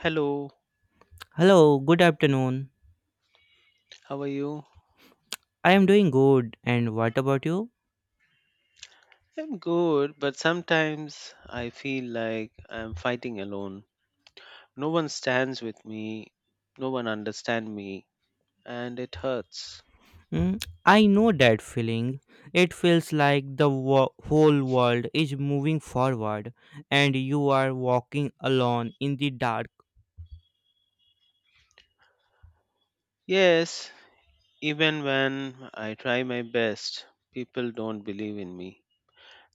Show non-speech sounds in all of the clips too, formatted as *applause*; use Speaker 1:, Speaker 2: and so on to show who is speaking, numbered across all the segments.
Speaker 1: Hello,
Speaker 2: Hello, good afternoon.
Speaker 1: how are you?
Speaker 2: I am doing good, and what about you?
Speaker 1: I'm good, but sometimes I feel like I'm fighting alone. No one stands with me, no one understands me, and it hurts.
Speaker 2: Mm, I know that feeling. It feels like the whole world is moving forward and you are walking alone in the dark.
Speaker 1: Yes, even when I try my best, people don't believe in me.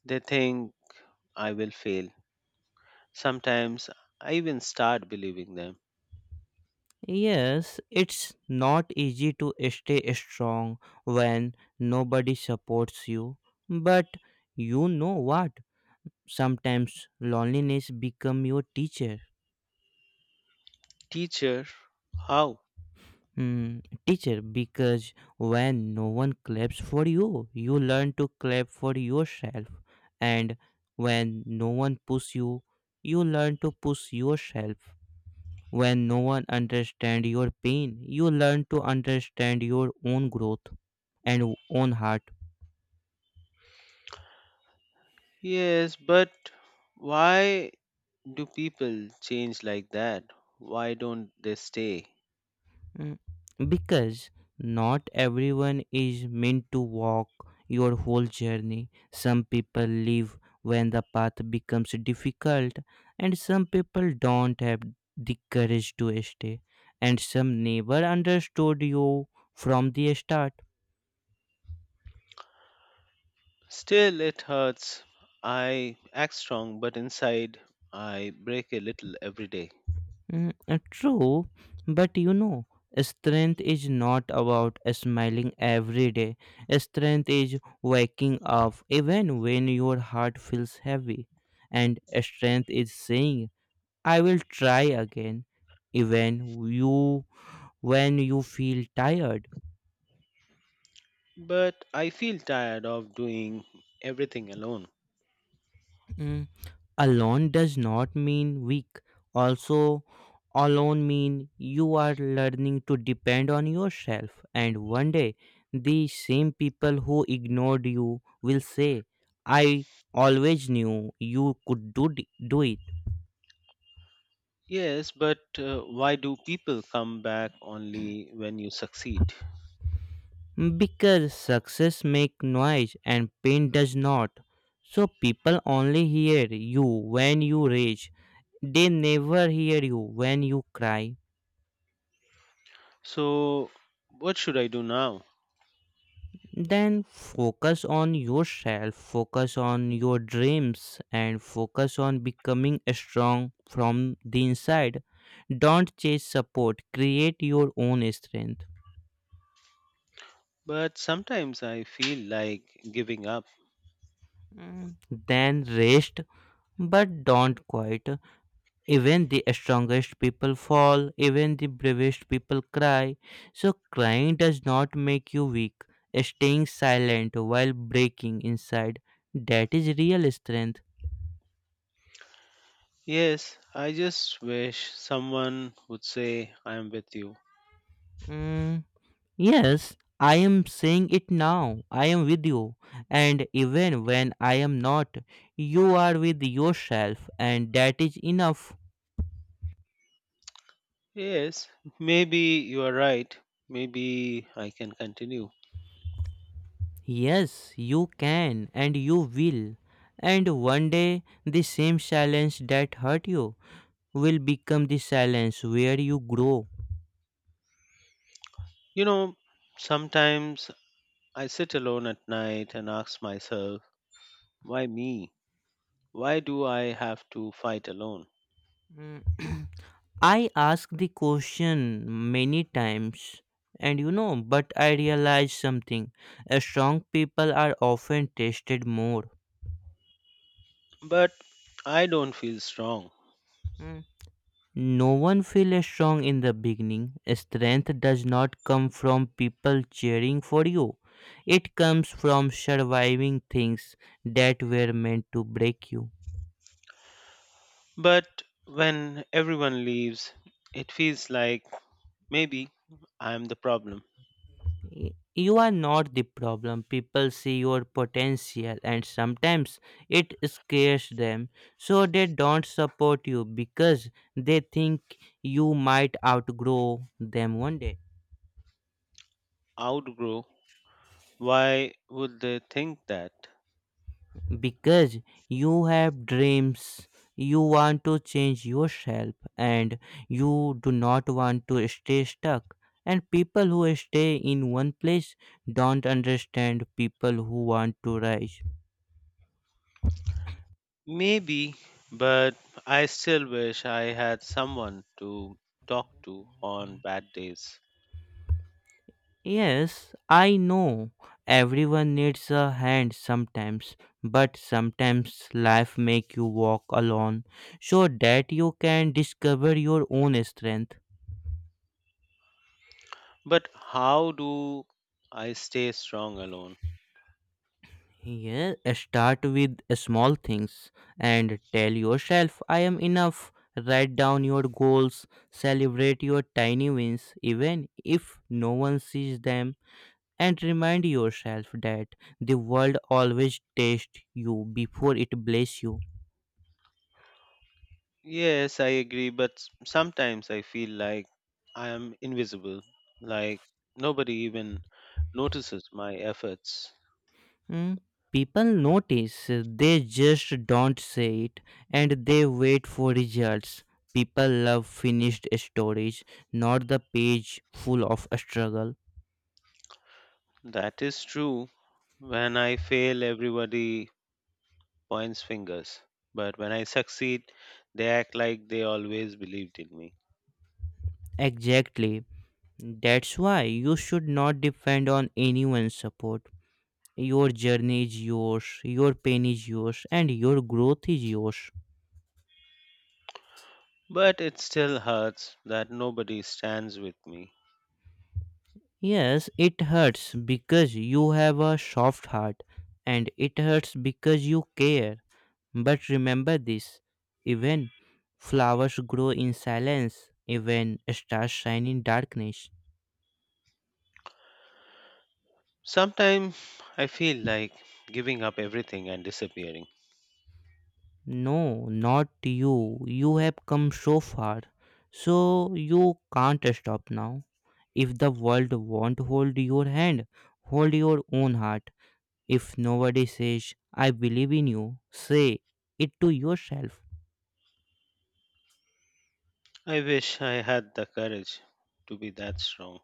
Speaker 1: They think I will fail. Sometimes I even start believing them.
Speaker 2: Yes, it's not easy to stay strong when nobody supports you. But you know what? Sometimes loneliness becomes your teacher.
Speaker 1: Teacher, how?
Speaker 2: Hmm, teacher, because when no one claps for you, you learn to clap for yourself. And when no one push you, you learn to push yourself. When no one understand your pain, you learn to understand your own growth and own heart.
Speaker 1: Yes, but why do people change like that? Why don't they stay?
Speaker 2: Mm, because not everyone is meant to walk your whole journey. Some people leave when the path becomes difficult, and some people don't have the courage to stay, and some never understood you from the start.
Speaker 1: Still, it hurts. I act strong, but inside I break a little every day.
Speaker 2: True, but you know, strength is not about smiling every day. Strength is waking up even when your heart feels heavy. And strength is saying, I will try again, even you when you feel tired.
Speaker 1: But I feel tired of doing everything alone.
Speaker 2: Mm, alone does not mean weak, also alone mean you are learning to depend on yourself, and one day the same people who ignored you will say, I always knew you could do
Speaker 1: Yes, but why do people come back only when you succeed?
Speaker 2: it. Because success make noise and pain does not, so people only hear you when you rage. They never hear you when you cry.
Speaker 1: So, what should I do now?
Speaker 2: Then focus on yourself, focus on your dreams, and focus on becoming strong from the inside. Don't chase support, create your own strength.
Speaker 1: But sometimes I feel like giving up.
Speaker 2: Mm, then rest, but don't quit. Even the strongest people fall, even the bravest people cry. So, crying does not make you weak. Staying silent while breaking inside, that is real strength.
Speaker 1: Yes, I just wish someone would say, I am with you.
Speaker 2: Mm, yes, I am saying it now. I am with you. And even when I am not, you are with yourself, and that is enough.
Speaker 1: Yes, maybe you are right. Maybe I can continue.
Speaker 2: Yes, you can, and you will. And one day, the same silence that hurt you will become the silence where you grow.
Speaker 1: You know, sometimes I sit alone at night and ask myself, why me? Why do I have to fight alone?
Speaker 2: Mm. *clears throat* I ask the question many times, and you know, but I realize something. Strong people are often tested more.
Speaker 1: But I don't feel strong.
Speaker 2: Mm. No one feels strong in the beginning. Strength does not come from people cheering for you. It comes from surviving things that were meant to break you.
Speaker 1: But when everyone leaves, it feels like maybe I'm the problem.
Speaker 2: Y- You are not the problem. People see your potential and sometimes it scares them. So they don't support you because they think you might outgrow them one day.
Speaker 1: Outgrow. Why would they think that?
Speaker 2: Because you have dreams, you want to change yourself, and you do not want to stay stuck, and people who stay in one place don't understand people who want to rise.
Speaker 1: Maybe, but I still wish I had someone to talk to on bad days.
Speaker 2: Yes, I know, everyone needs a hand sometimes, but sometimes life make you walk alone so that you can discover your own strength.
Speaker 1: But how do I stay strong alone?
Speaker 2: Yeah, start with small things and tell yourself, I am enough. Write down your goals, celebrate your tiny wins, even if no one sees them, and remind yourself that the world always tests you before it blesses you.
Speaker 1: Yes, I agree, but sometimes I feel like I am invisible, like nobody even notices my efforts.
Speaker 2: Hmm, people notice, they just don't say it, and they wait for results. People love finished stories, not the page full of struggle.
Speaker 1: That is true. When I fail, everybody points fingers, but when I succeed, they act like they always believed in me.
Speaker 2: Exactly. That's why you should not depend on anyone's support. Your journey is yours, your pain is yours, and your growth is yours.
Speaker 1: But it still hurts that nobody stands with me.
Speaker 2: Yes, it hurts because you have a soft heart, and it hurts because you care. But remember this, even flowers grow in silence, even stars shine in darkness.
Speaker 1: Sometimes I feel like giving up everything and disappearing.
Speaker 2: No, not you. You have come so far. So you can't stop now. If the world won't hold your hand, hold your own heart. If nobody says, I believe in you, say it to yourself.
Speaker 1: I wish I had the courage to be that strong.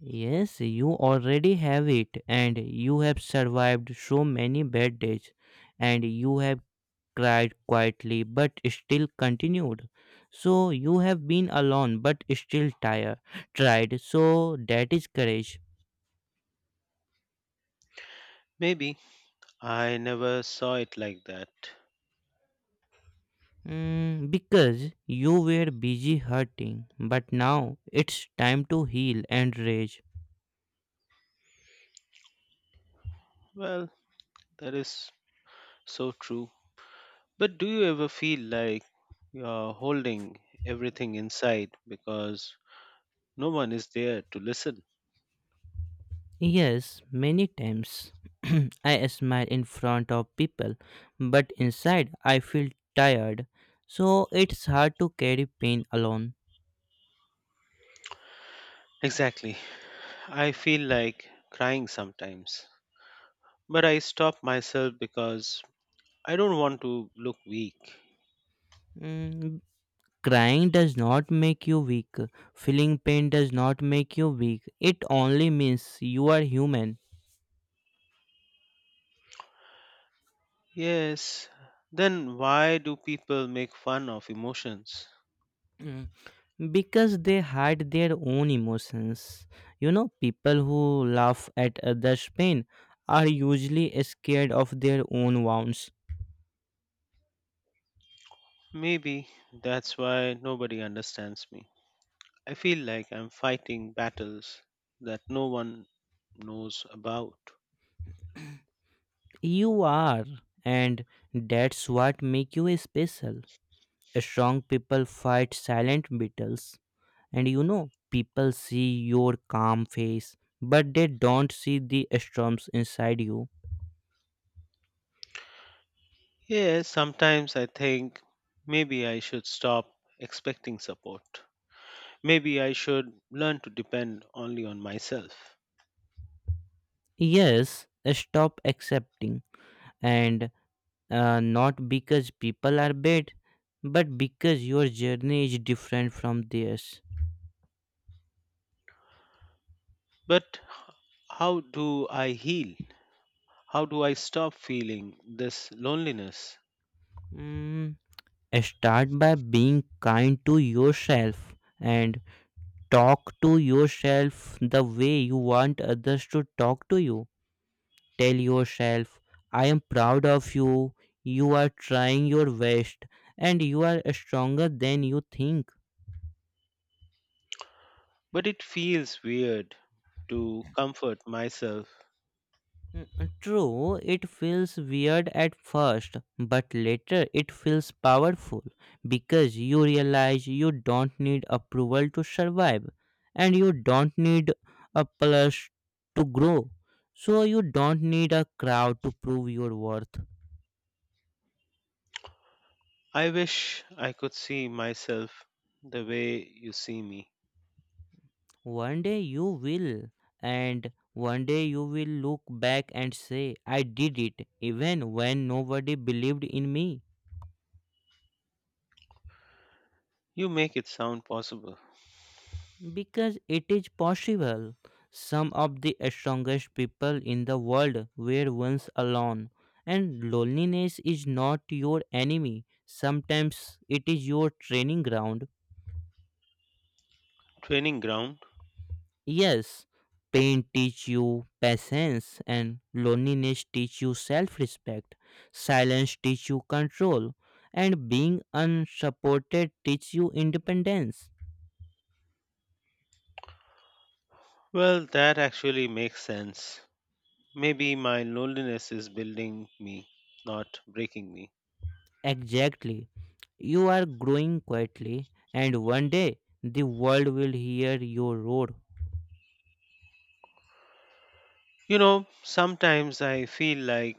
Speaker 2: Yes, you already have it, and you have survived so many bad days, and you have cried quietly but still continued. So you have been alone but still tried. So that is courage.
Speaker 1: Maybe I never saw it like that.
Speaker 2: Mm, because you were busy hurting, but now it's time to heal and rage.
Speaker 1: Well, that is so true. But do you ever feel like you're holding everything inside because no one is there to listen?
Speaker 2: Yes, many times *clears throat* I smile in front of people, but inside I feel tired. So it's hard to carry pain alone.
Speaker 1: *laughs* Exactly. I feel like crying sometimes. But I stop myself because I don't want to look weak.
Speaker 2: Mm, crying does not make you weak. Feeling pain does not make you weak. It only means you are human.
Speaker 1: Yes, then why do people make fun of emotions?
Speaker 2: Mm, because they hide their own emotions. You know, people who laugh at others' pain are usually scared of their own wounds.
Speaker 1: Maybe that's why nobody understands me. I feel like I'm fighting battles that no one knows about.
Speaker 2: You are, and that's what make you special. Strong people fight silent battles. And you know, people see your calm face, but they don't see the storms inside you.
Speaker 1: Yes, sometimes I think maybe I should stop expecting support. Maybe I should learn to depend only on myself.
Speaker 2: Yes, stop accepting. And not because people are bad, but because your journey is different from theirs.
Speaker 1: But how do I heal? How do I stop feeling this loneliness?
Speaker 2: Mm, start by being kind to yourself and talk to yourself the way you want others to talk to you. Tell yourself, I am proud of you, you are trying your best, and you are stronger than you think.
Speaker 1: But it feels weird to comfort myself.
Speaker 2: Mm, true, it feels weird at first, but later it feels powerful because you realize you don't need approval to survive, and you don't need a plus to grow. So, you don't need a crowd to prove your worth.
Speaker 1: I wish I could see myself the way you see me.
Speaker 2: One day you will, and one day you will look back and say, I did it, even when nobody believed in me.
Speaker 1: You make it sound possible.
Speaker 2: Because it is possible. Some of the strongest people in the world were once alone, and loneliness is not your enemy, sometimes it is your training ground.
Speaker 1: Training ground?
Speaker 2: Yes, pain teach you patience and loneliness teach you self-respect. Silence teach you control and being unsupported teach you independence.
Speaker 1: Well, that actually makes sense. Maybe my loneliness is building me, not breaking me.
Speaker 2: Exactly. You are growing quietly and one day the world will hear your roar.
Speaker 1: You know, sometimes I feel like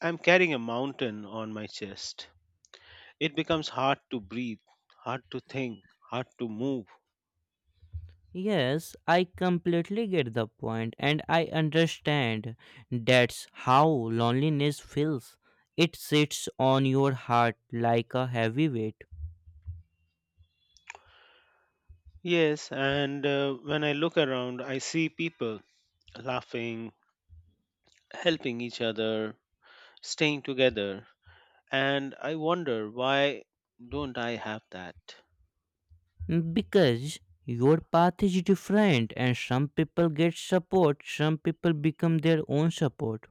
Speaker 1: I'm carrying a mountain on my chest. It becomes hard to breathe, hard to think, hard to move.
Speaker 2: Yes, I completely get the point and I understand, that's how loneliness feels. It sits on your heart like a heavy weight.
Speaker 1: Yes, and when I look around, I see people laughing, helping each other, staying together, and I wonder why don't I have that?
Speaker 2: Because your path is different, and some people get support, some people become their own support.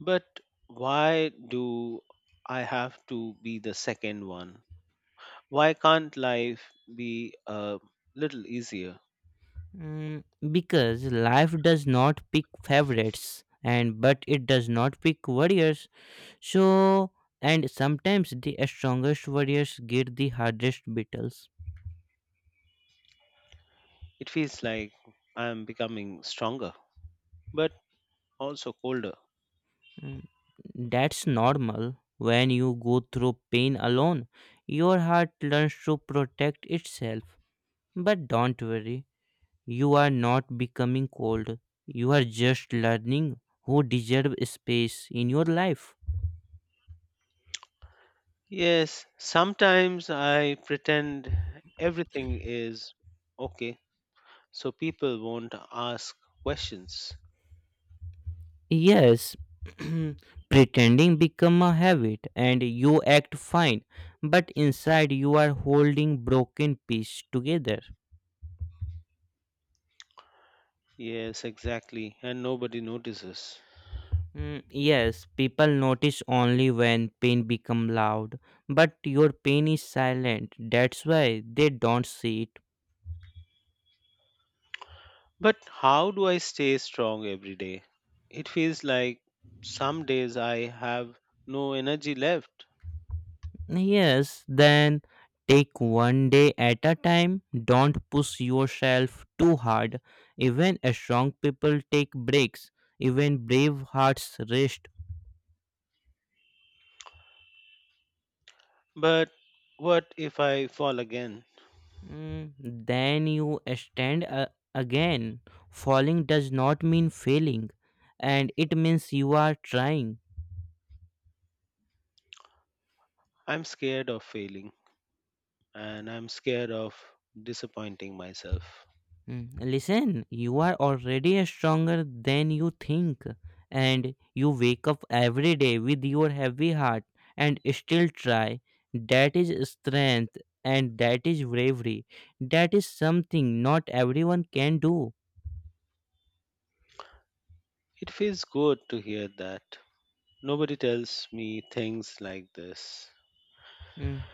Speaker 1: But why do I have to be the second one? Why can't life be a little easier?
Speaker 2: Mm, because life does not pick favorites, and but it does not pick warriors, so and sometimes the strongest warriors get the hardest battles.
Speaker 1: It feels like I'm becoming stronger, but also colder.
Speaker 2: Mm, that's normal. When you go through pain alone, your heart learns to protect itself, but don't worry. You are not becoming cold. You are just learning who deserve space in your life.
Speaker 1: Yes, sometimes I pretend everything is okay so people won't ask questions.
Speaker 2: Yes, *clears throat* pretending become a habit, and you act fine, but inside you are holding broken piece together.
Speaker 1: Yes, exactly, and nobody notices.
Speaker 2: Mm, yes, people notice only when pain become loud, but your pain is silent. That's why they don't see it.
Speaker 1: But how do I stay strong every day? It feels like some days I have no energy left.
Speaker 2: Yes, then take one day at a time. Don't push yourself too hard. Even a strong people take breaks. Even brave hearts rest.
Speaker 1: But what if I fall again?
Speaker 2: Mm, then you stand again. Falling does not mean failing, and it means you are trying.
Speaker 1: I'm scared of failing and I'm scared of disappointing myself.
Speaker 2: Mm, listen, you are already stronger than you think, and you wake up every day with your heavy heart and still try. That is strength, and that is bravery. That is something not everyone can do.
Speaker 1: It feels good to hear that. Nobody tells me things like this.
Speaker 2: Mm,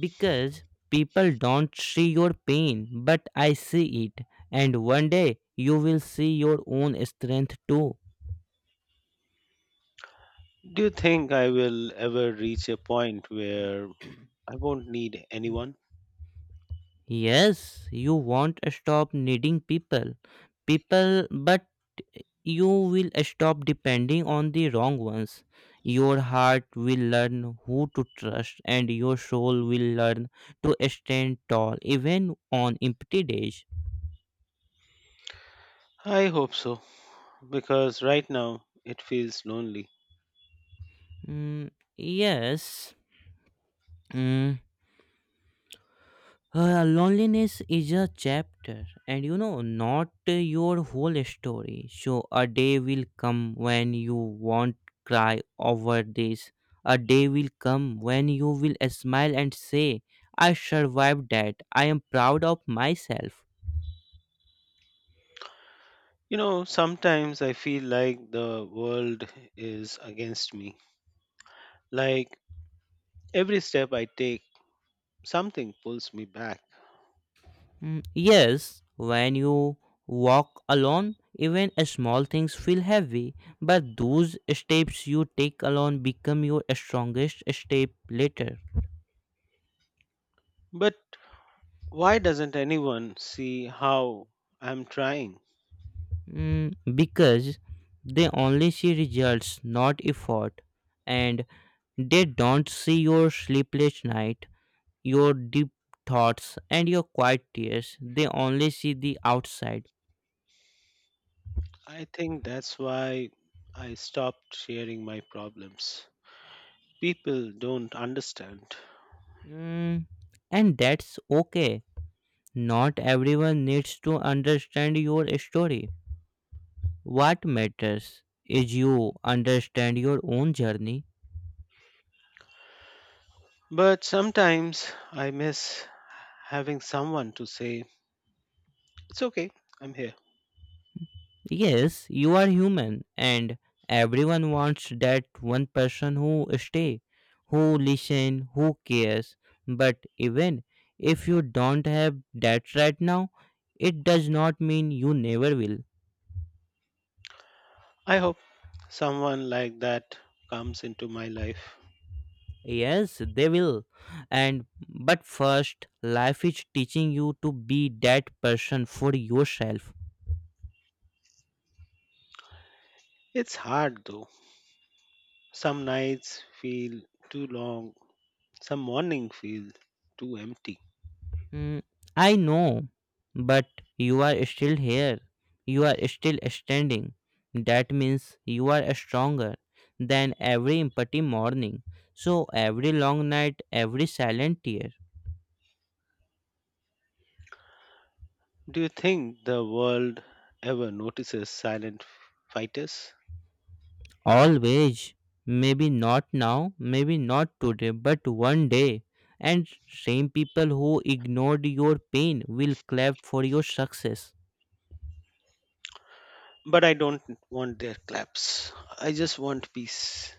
Speaker 2: because people don't see your pain, but I see it, and one day you will see your own strength too.
Speaker 1: Do you think I will ever reach a point where I won't need anyone?
Speaker 2: Yes, you won't stop needing people, but you will stop depending on the wrong ones. Your heart will learn who to trust, and your soul will learn to stand tall even on empty days.
Speaker 1: I hope so, because right now it feels lonely.
Speaker 2: Mm, yes. Mm, Loneliness is a chapter, and you know, not your whole story. So, a day will come when you won't cry over this. A day will come when you will smile and say, I survived that. I am proud of myself.
Speaker 1: You know, sometimes I feel like the world is against me. Like every step I take, something pulls me back.
Speaker 2: Mm, yes, when you walk alone, even a small things feel heavy, but those steps you take alone become your strongest step later.
Speaker 1: But why doesn't anyone see how I'm trying?
Speaker 2: Mm, because they only see results, not effort, and they don't see your sleepless night, your deep thoughts, and your quiet tears. They only see the outside.
Speaker 1: I think that's why I stopped sharing my problems. People don't understand.
Speaker 2: Mm, and that's okay. Not everyone needs to understand your story. What matters is you understand your own journey.
Speaker 1: But sometimes I miss having someone to say, it's okay, I'm here.
Speaker 2: Yes, you are human and everyone wants that one person who stay, who listen, who cares. But even if you don't have that right now, it does not mean you never will.
Speaker 1: I hope someone like that comes into my life.
Speaker 2: Yes, they will. And but first life is teaching you to be that person for yourself.
Speaker 1: It's hard though. Some nights feel too long, some morning feel too empty.
Speaker 2: Mm, I know, but you are still here. You are still standing. That means you are stronger than every empty morning. So every long night, every silent tear.
Speaker 1: Do you think the world ever notices silent fighters?
Speaker 2: Always. Maybe not now, maybe not today, but one day. And same people who ignored your pain will clap for your success.
Speaker 1: But I don't want their claps. I just want peace.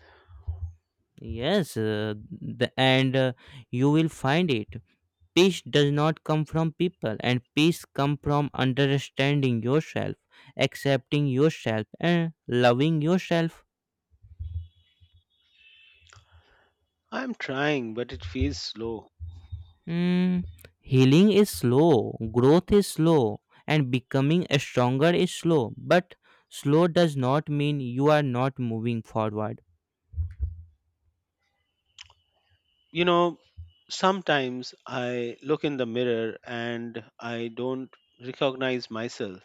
Speaker 2: Yes, the, and you will find it. Peace does not come from people, and peace comes from understanding yourself, accepting yourself, and loving yourself.
Speaker 1: I'm trying, but it feels slow.
Speaker 2: Mm, healing is slow, growth is slow, and becoming stronger is slow, but slow does not mean you are not moving forward.
Speaker 1: You know, sometimes I look in the mirror and I don't recognize myself.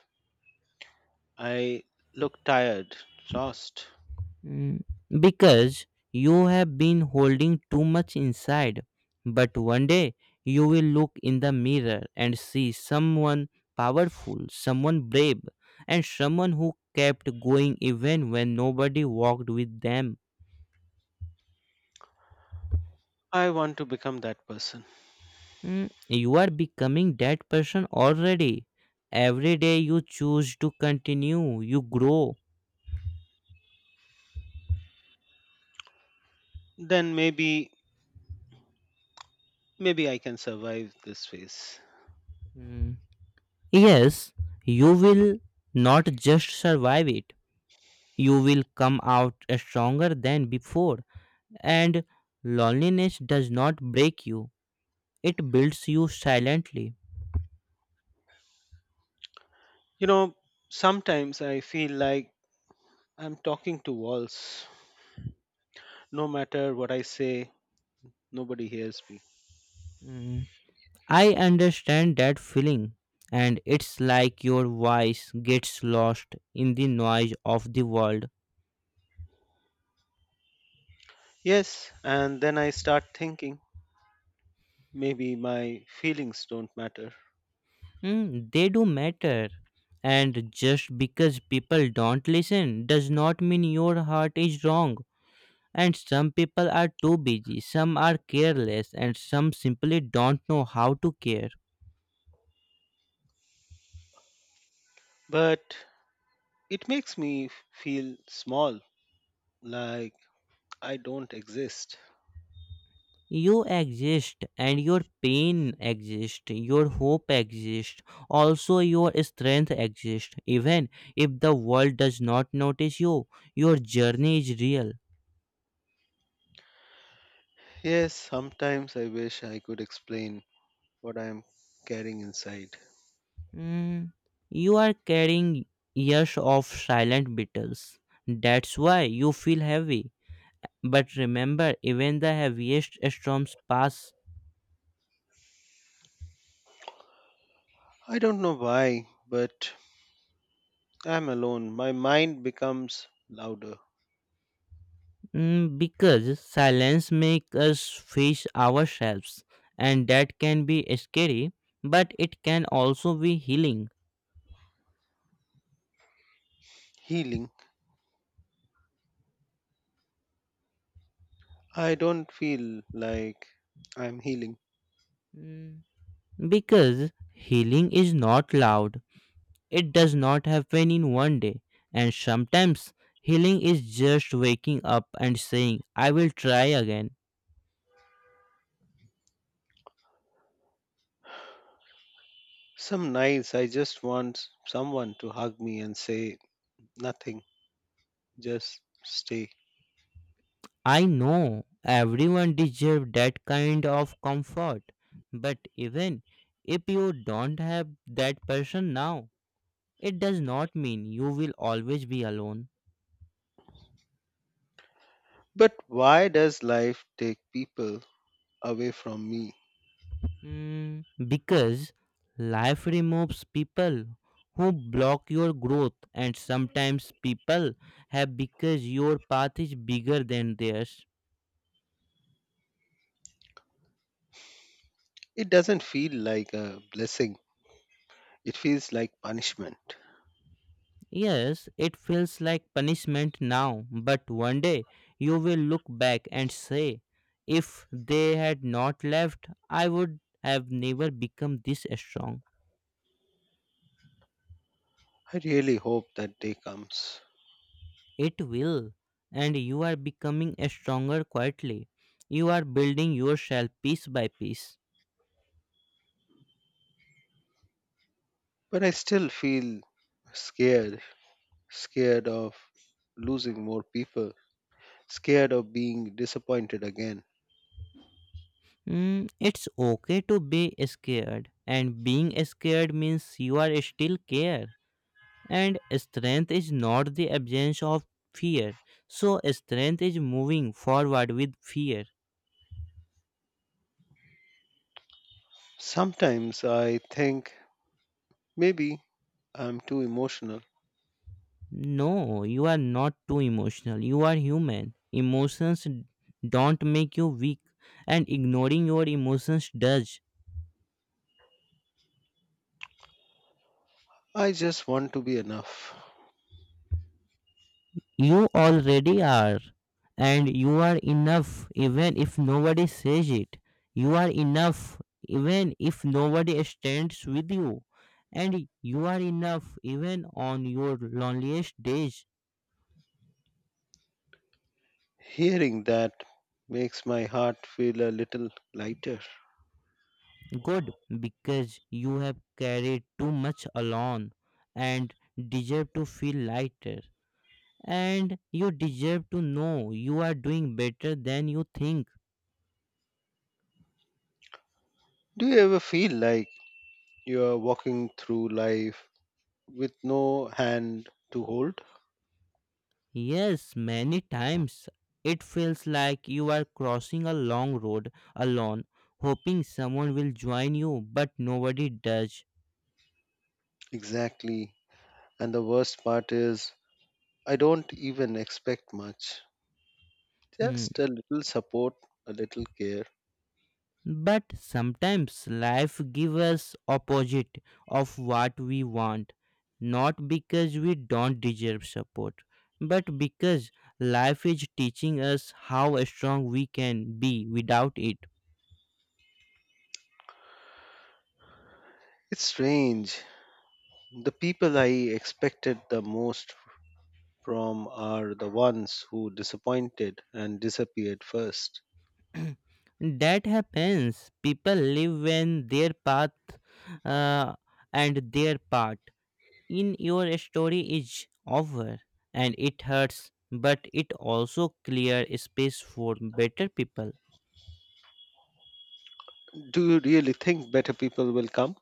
Speaker 1: I look tired, lost.
Speaker 2: Mm, because you have been holding too much inside. But one day you will look in the mirror and see someone powerful, someone brave, and someone who kept going even when nobody walked with them.
Speaker 1: I want to become that person.
Speaker 2: Mm, you are becoming that person already. Every day you choose to continue, you grow.
Speaker 1: Then maybe maybe I can survive this phase.
Speaker 2: Mm. Yes, you will not just survive it. You will come out stronger than before, and loneliness does not break you, it builds you silently.
Speaker 1: You know, sometimes I feel like I'm talking to walls. No matter what I say, nobody hears me.
Speaker 2: Mm, I understand that feeling, and it's like your voice gets lost in the noise of the world.
Speaker 1: Yes, and then I start thinking maybe my feelings don't matter.
Speaker 2: Mm, they do matter. And just because people don't listen does not mean your heart is wrong. And some people are too busy, some are careless, and some simply don't know how to care.
Speaker 1: But it makes me feel small, like I don't exist.
Speaker 2: You exist, and your pain exists, your hope exists, also your strength exists, even if the world does not notice you, your journey is real.
Speaker 1: Yes, sometimes I wish I could explain what I am carrying inside.
Speaker 2: Mm, you are carrying years of silent battles. That's why you feel heavy, but remember, even the heaviest storms pass.
Speaker 1: I don't know why, but I'm alone. My mind becomes louder.
Speaker 2: Mm, because silence makes us fish ourselves, and that can be scary, but it can also be healing.
Speaker 1: Healing. I don't feel like I'm healing.
Speaker 2: Mm, because healing is not loud, it does not happen in one day, and sometimes healing is just waking up and saying, I will try again.
Speaker 1: Some nights I just want someone to hug me and say nothing, just stay.
Speaker 2: I know everyone deserves that kind of comfort, but even if you don't have that person now, it does not mean you will always be alone.
Speaker 1: But why does life take people away from me?
Speaker 2: Mm, because life removes people who block your growth, and sometimes people have because your path is bigger than theirs.
Speaker 1: It doesn't feel like a blessing, it feels like punishment.
Speaker 2: Yes, it feels like punishment now, but one day you will look back and say, if they had not left, I would have never become this strong.
Speaker 1: I really hope that day comes.
Speaker 2: It will. And you are becoming stronger quietly. You are building yourself piece by piece.
Speaker 1: But I still feel scared, scared of losing more people, scared of being disappointed again.
Speaker 2: Mm, it's okay to be scared. And being scared means you are still care. And strength is not the absence of fear. So strength is moving forward with fear.
Speaker 1: Sometimes I think maybe I'm too emotional.
Speaker 2: No, you are not too emotional. You are human. Emotions don't make you weak, and ignoring your emotions does.
Speaker 1: I just want to be enough.
Speaker 2: You already are, and you are enough even if nobody says it. You are enough even if nobody stands with you, and you are enough even on your loneliest days.
Speaker 1: Hearing that makes my heart feel a little lighter.
Speaker 2: Good, because you have carried too much alone and deserve to feel lighter. And you deserve to know you are doing better than you think.
Speaker 1: Do you ever feel like you are walking through life with no hand to hold?
Speaker 2: Yes, many times. It feels like you are crossing a long road alone, hoping someone will join you, but nobody does.
Speaker 1: Exactly. And the worst part is, I don't even expect much.
Speaker 2: Hmm.
Speaker 1: Just a little support, a little care.
Speaker 2: But sometimes life gives us opposite of what we want, not because we don't deserve support, but because life is teaching us how strong we can be without it.
Speaker 1: It's strange. The people I expected the most from are the ones who disappointed and disappeared first.
Speaker 2: That happens. People live when their path uh, and their part in your story is over, and it hurts, but it also clear space for better people.
Speaker 1: Do you really think better people will come?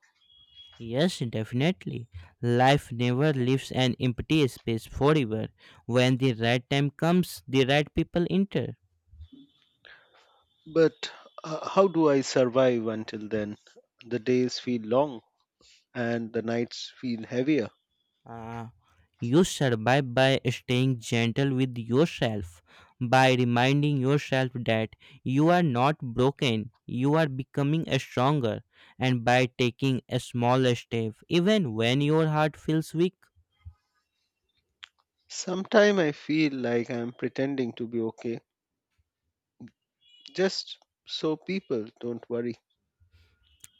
Speaker 2: Yes, definitely. Life never leaves an empty space forever. When the right time comes, the right people enter.
Speaker 1: But how do I survive until then? The days feel long and the nights feel heavier.
Speaker 2: Uh, you survive by staying gentle with yourself, by reminding yourself that you are not broken, you are becoming stronger, and by taking a small step, even when your heart feels weak.
Speaker 1: Sometimes I feel like I'm pretending to be okay, just so people don't worry.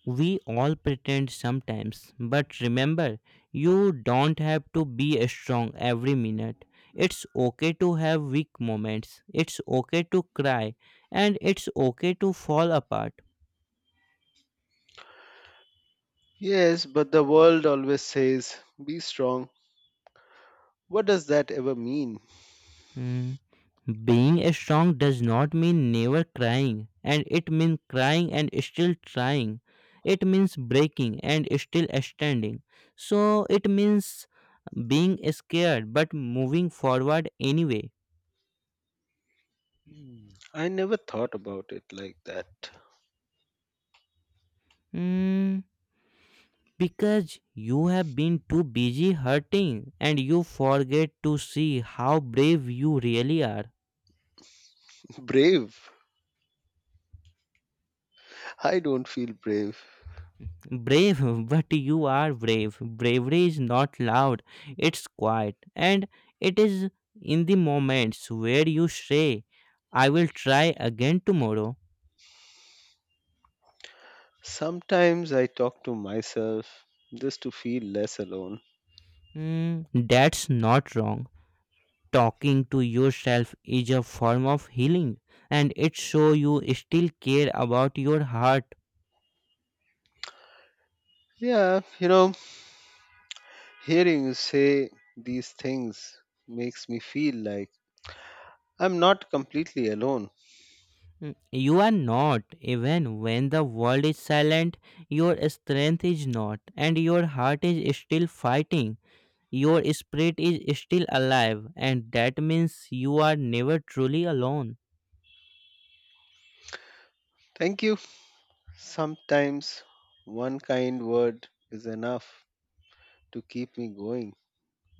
Speaker 2: We all pretend sometimes, but remember, you don't have to be strong every minute. It's okay to have weak moments, it's okay to cry, and it's okay to fall apart.
Speaker 1: Yes, but the world always says, be strong. What does that ever mean?
Speaker 2: Hmm. Being strong does not mean never crying, and it means crying and still trying. It means breaking and still standing. So it means being scared but moving forward anyway.
Speaker 1: Hmm, I never thought about it like that.
Speaker 2: Hmm. Because you have been too busy hurting and you forget to see how brave you really are.
Speaker 1: *laughs* Brave. I don't feel brave.
Speaker 2: Brave, *laughs* but you are brave. Bravery is not loud, it's quiet. And it is in the moments where you say, I will try again tomorrow.
Speaker 1: Sometimes I talk to myself just to feel less alone.
Speaker 2: Hmm, that's not wrong. Talking to yourself is a form of healing, and it shows you still care about your heart.
Speaker 1: Yeah, you know, hearing you say these things makes me feel like I'm not completely alone.
Speaker 2: Hmm, you are not, even when the world is silent, your strength is not, and your heart is still fighting. Your spirit is still alive, and that means you are never truly alone.
Speaker 1: Thank you. Sometimes one kind word is enough to keep me going.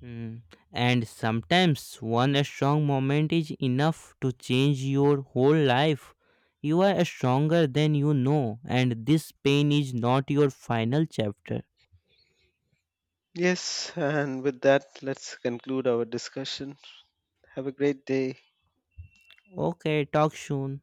Speaker 2: Mm. And sometimes one strong moment is enough to change your whole life. You are stronger than you know, and this pain is not your final chapter.
Speaker 1: Yes, and with that, let's conclude our discussion. Have a great day.
Speaker 2: Okay, talk soon.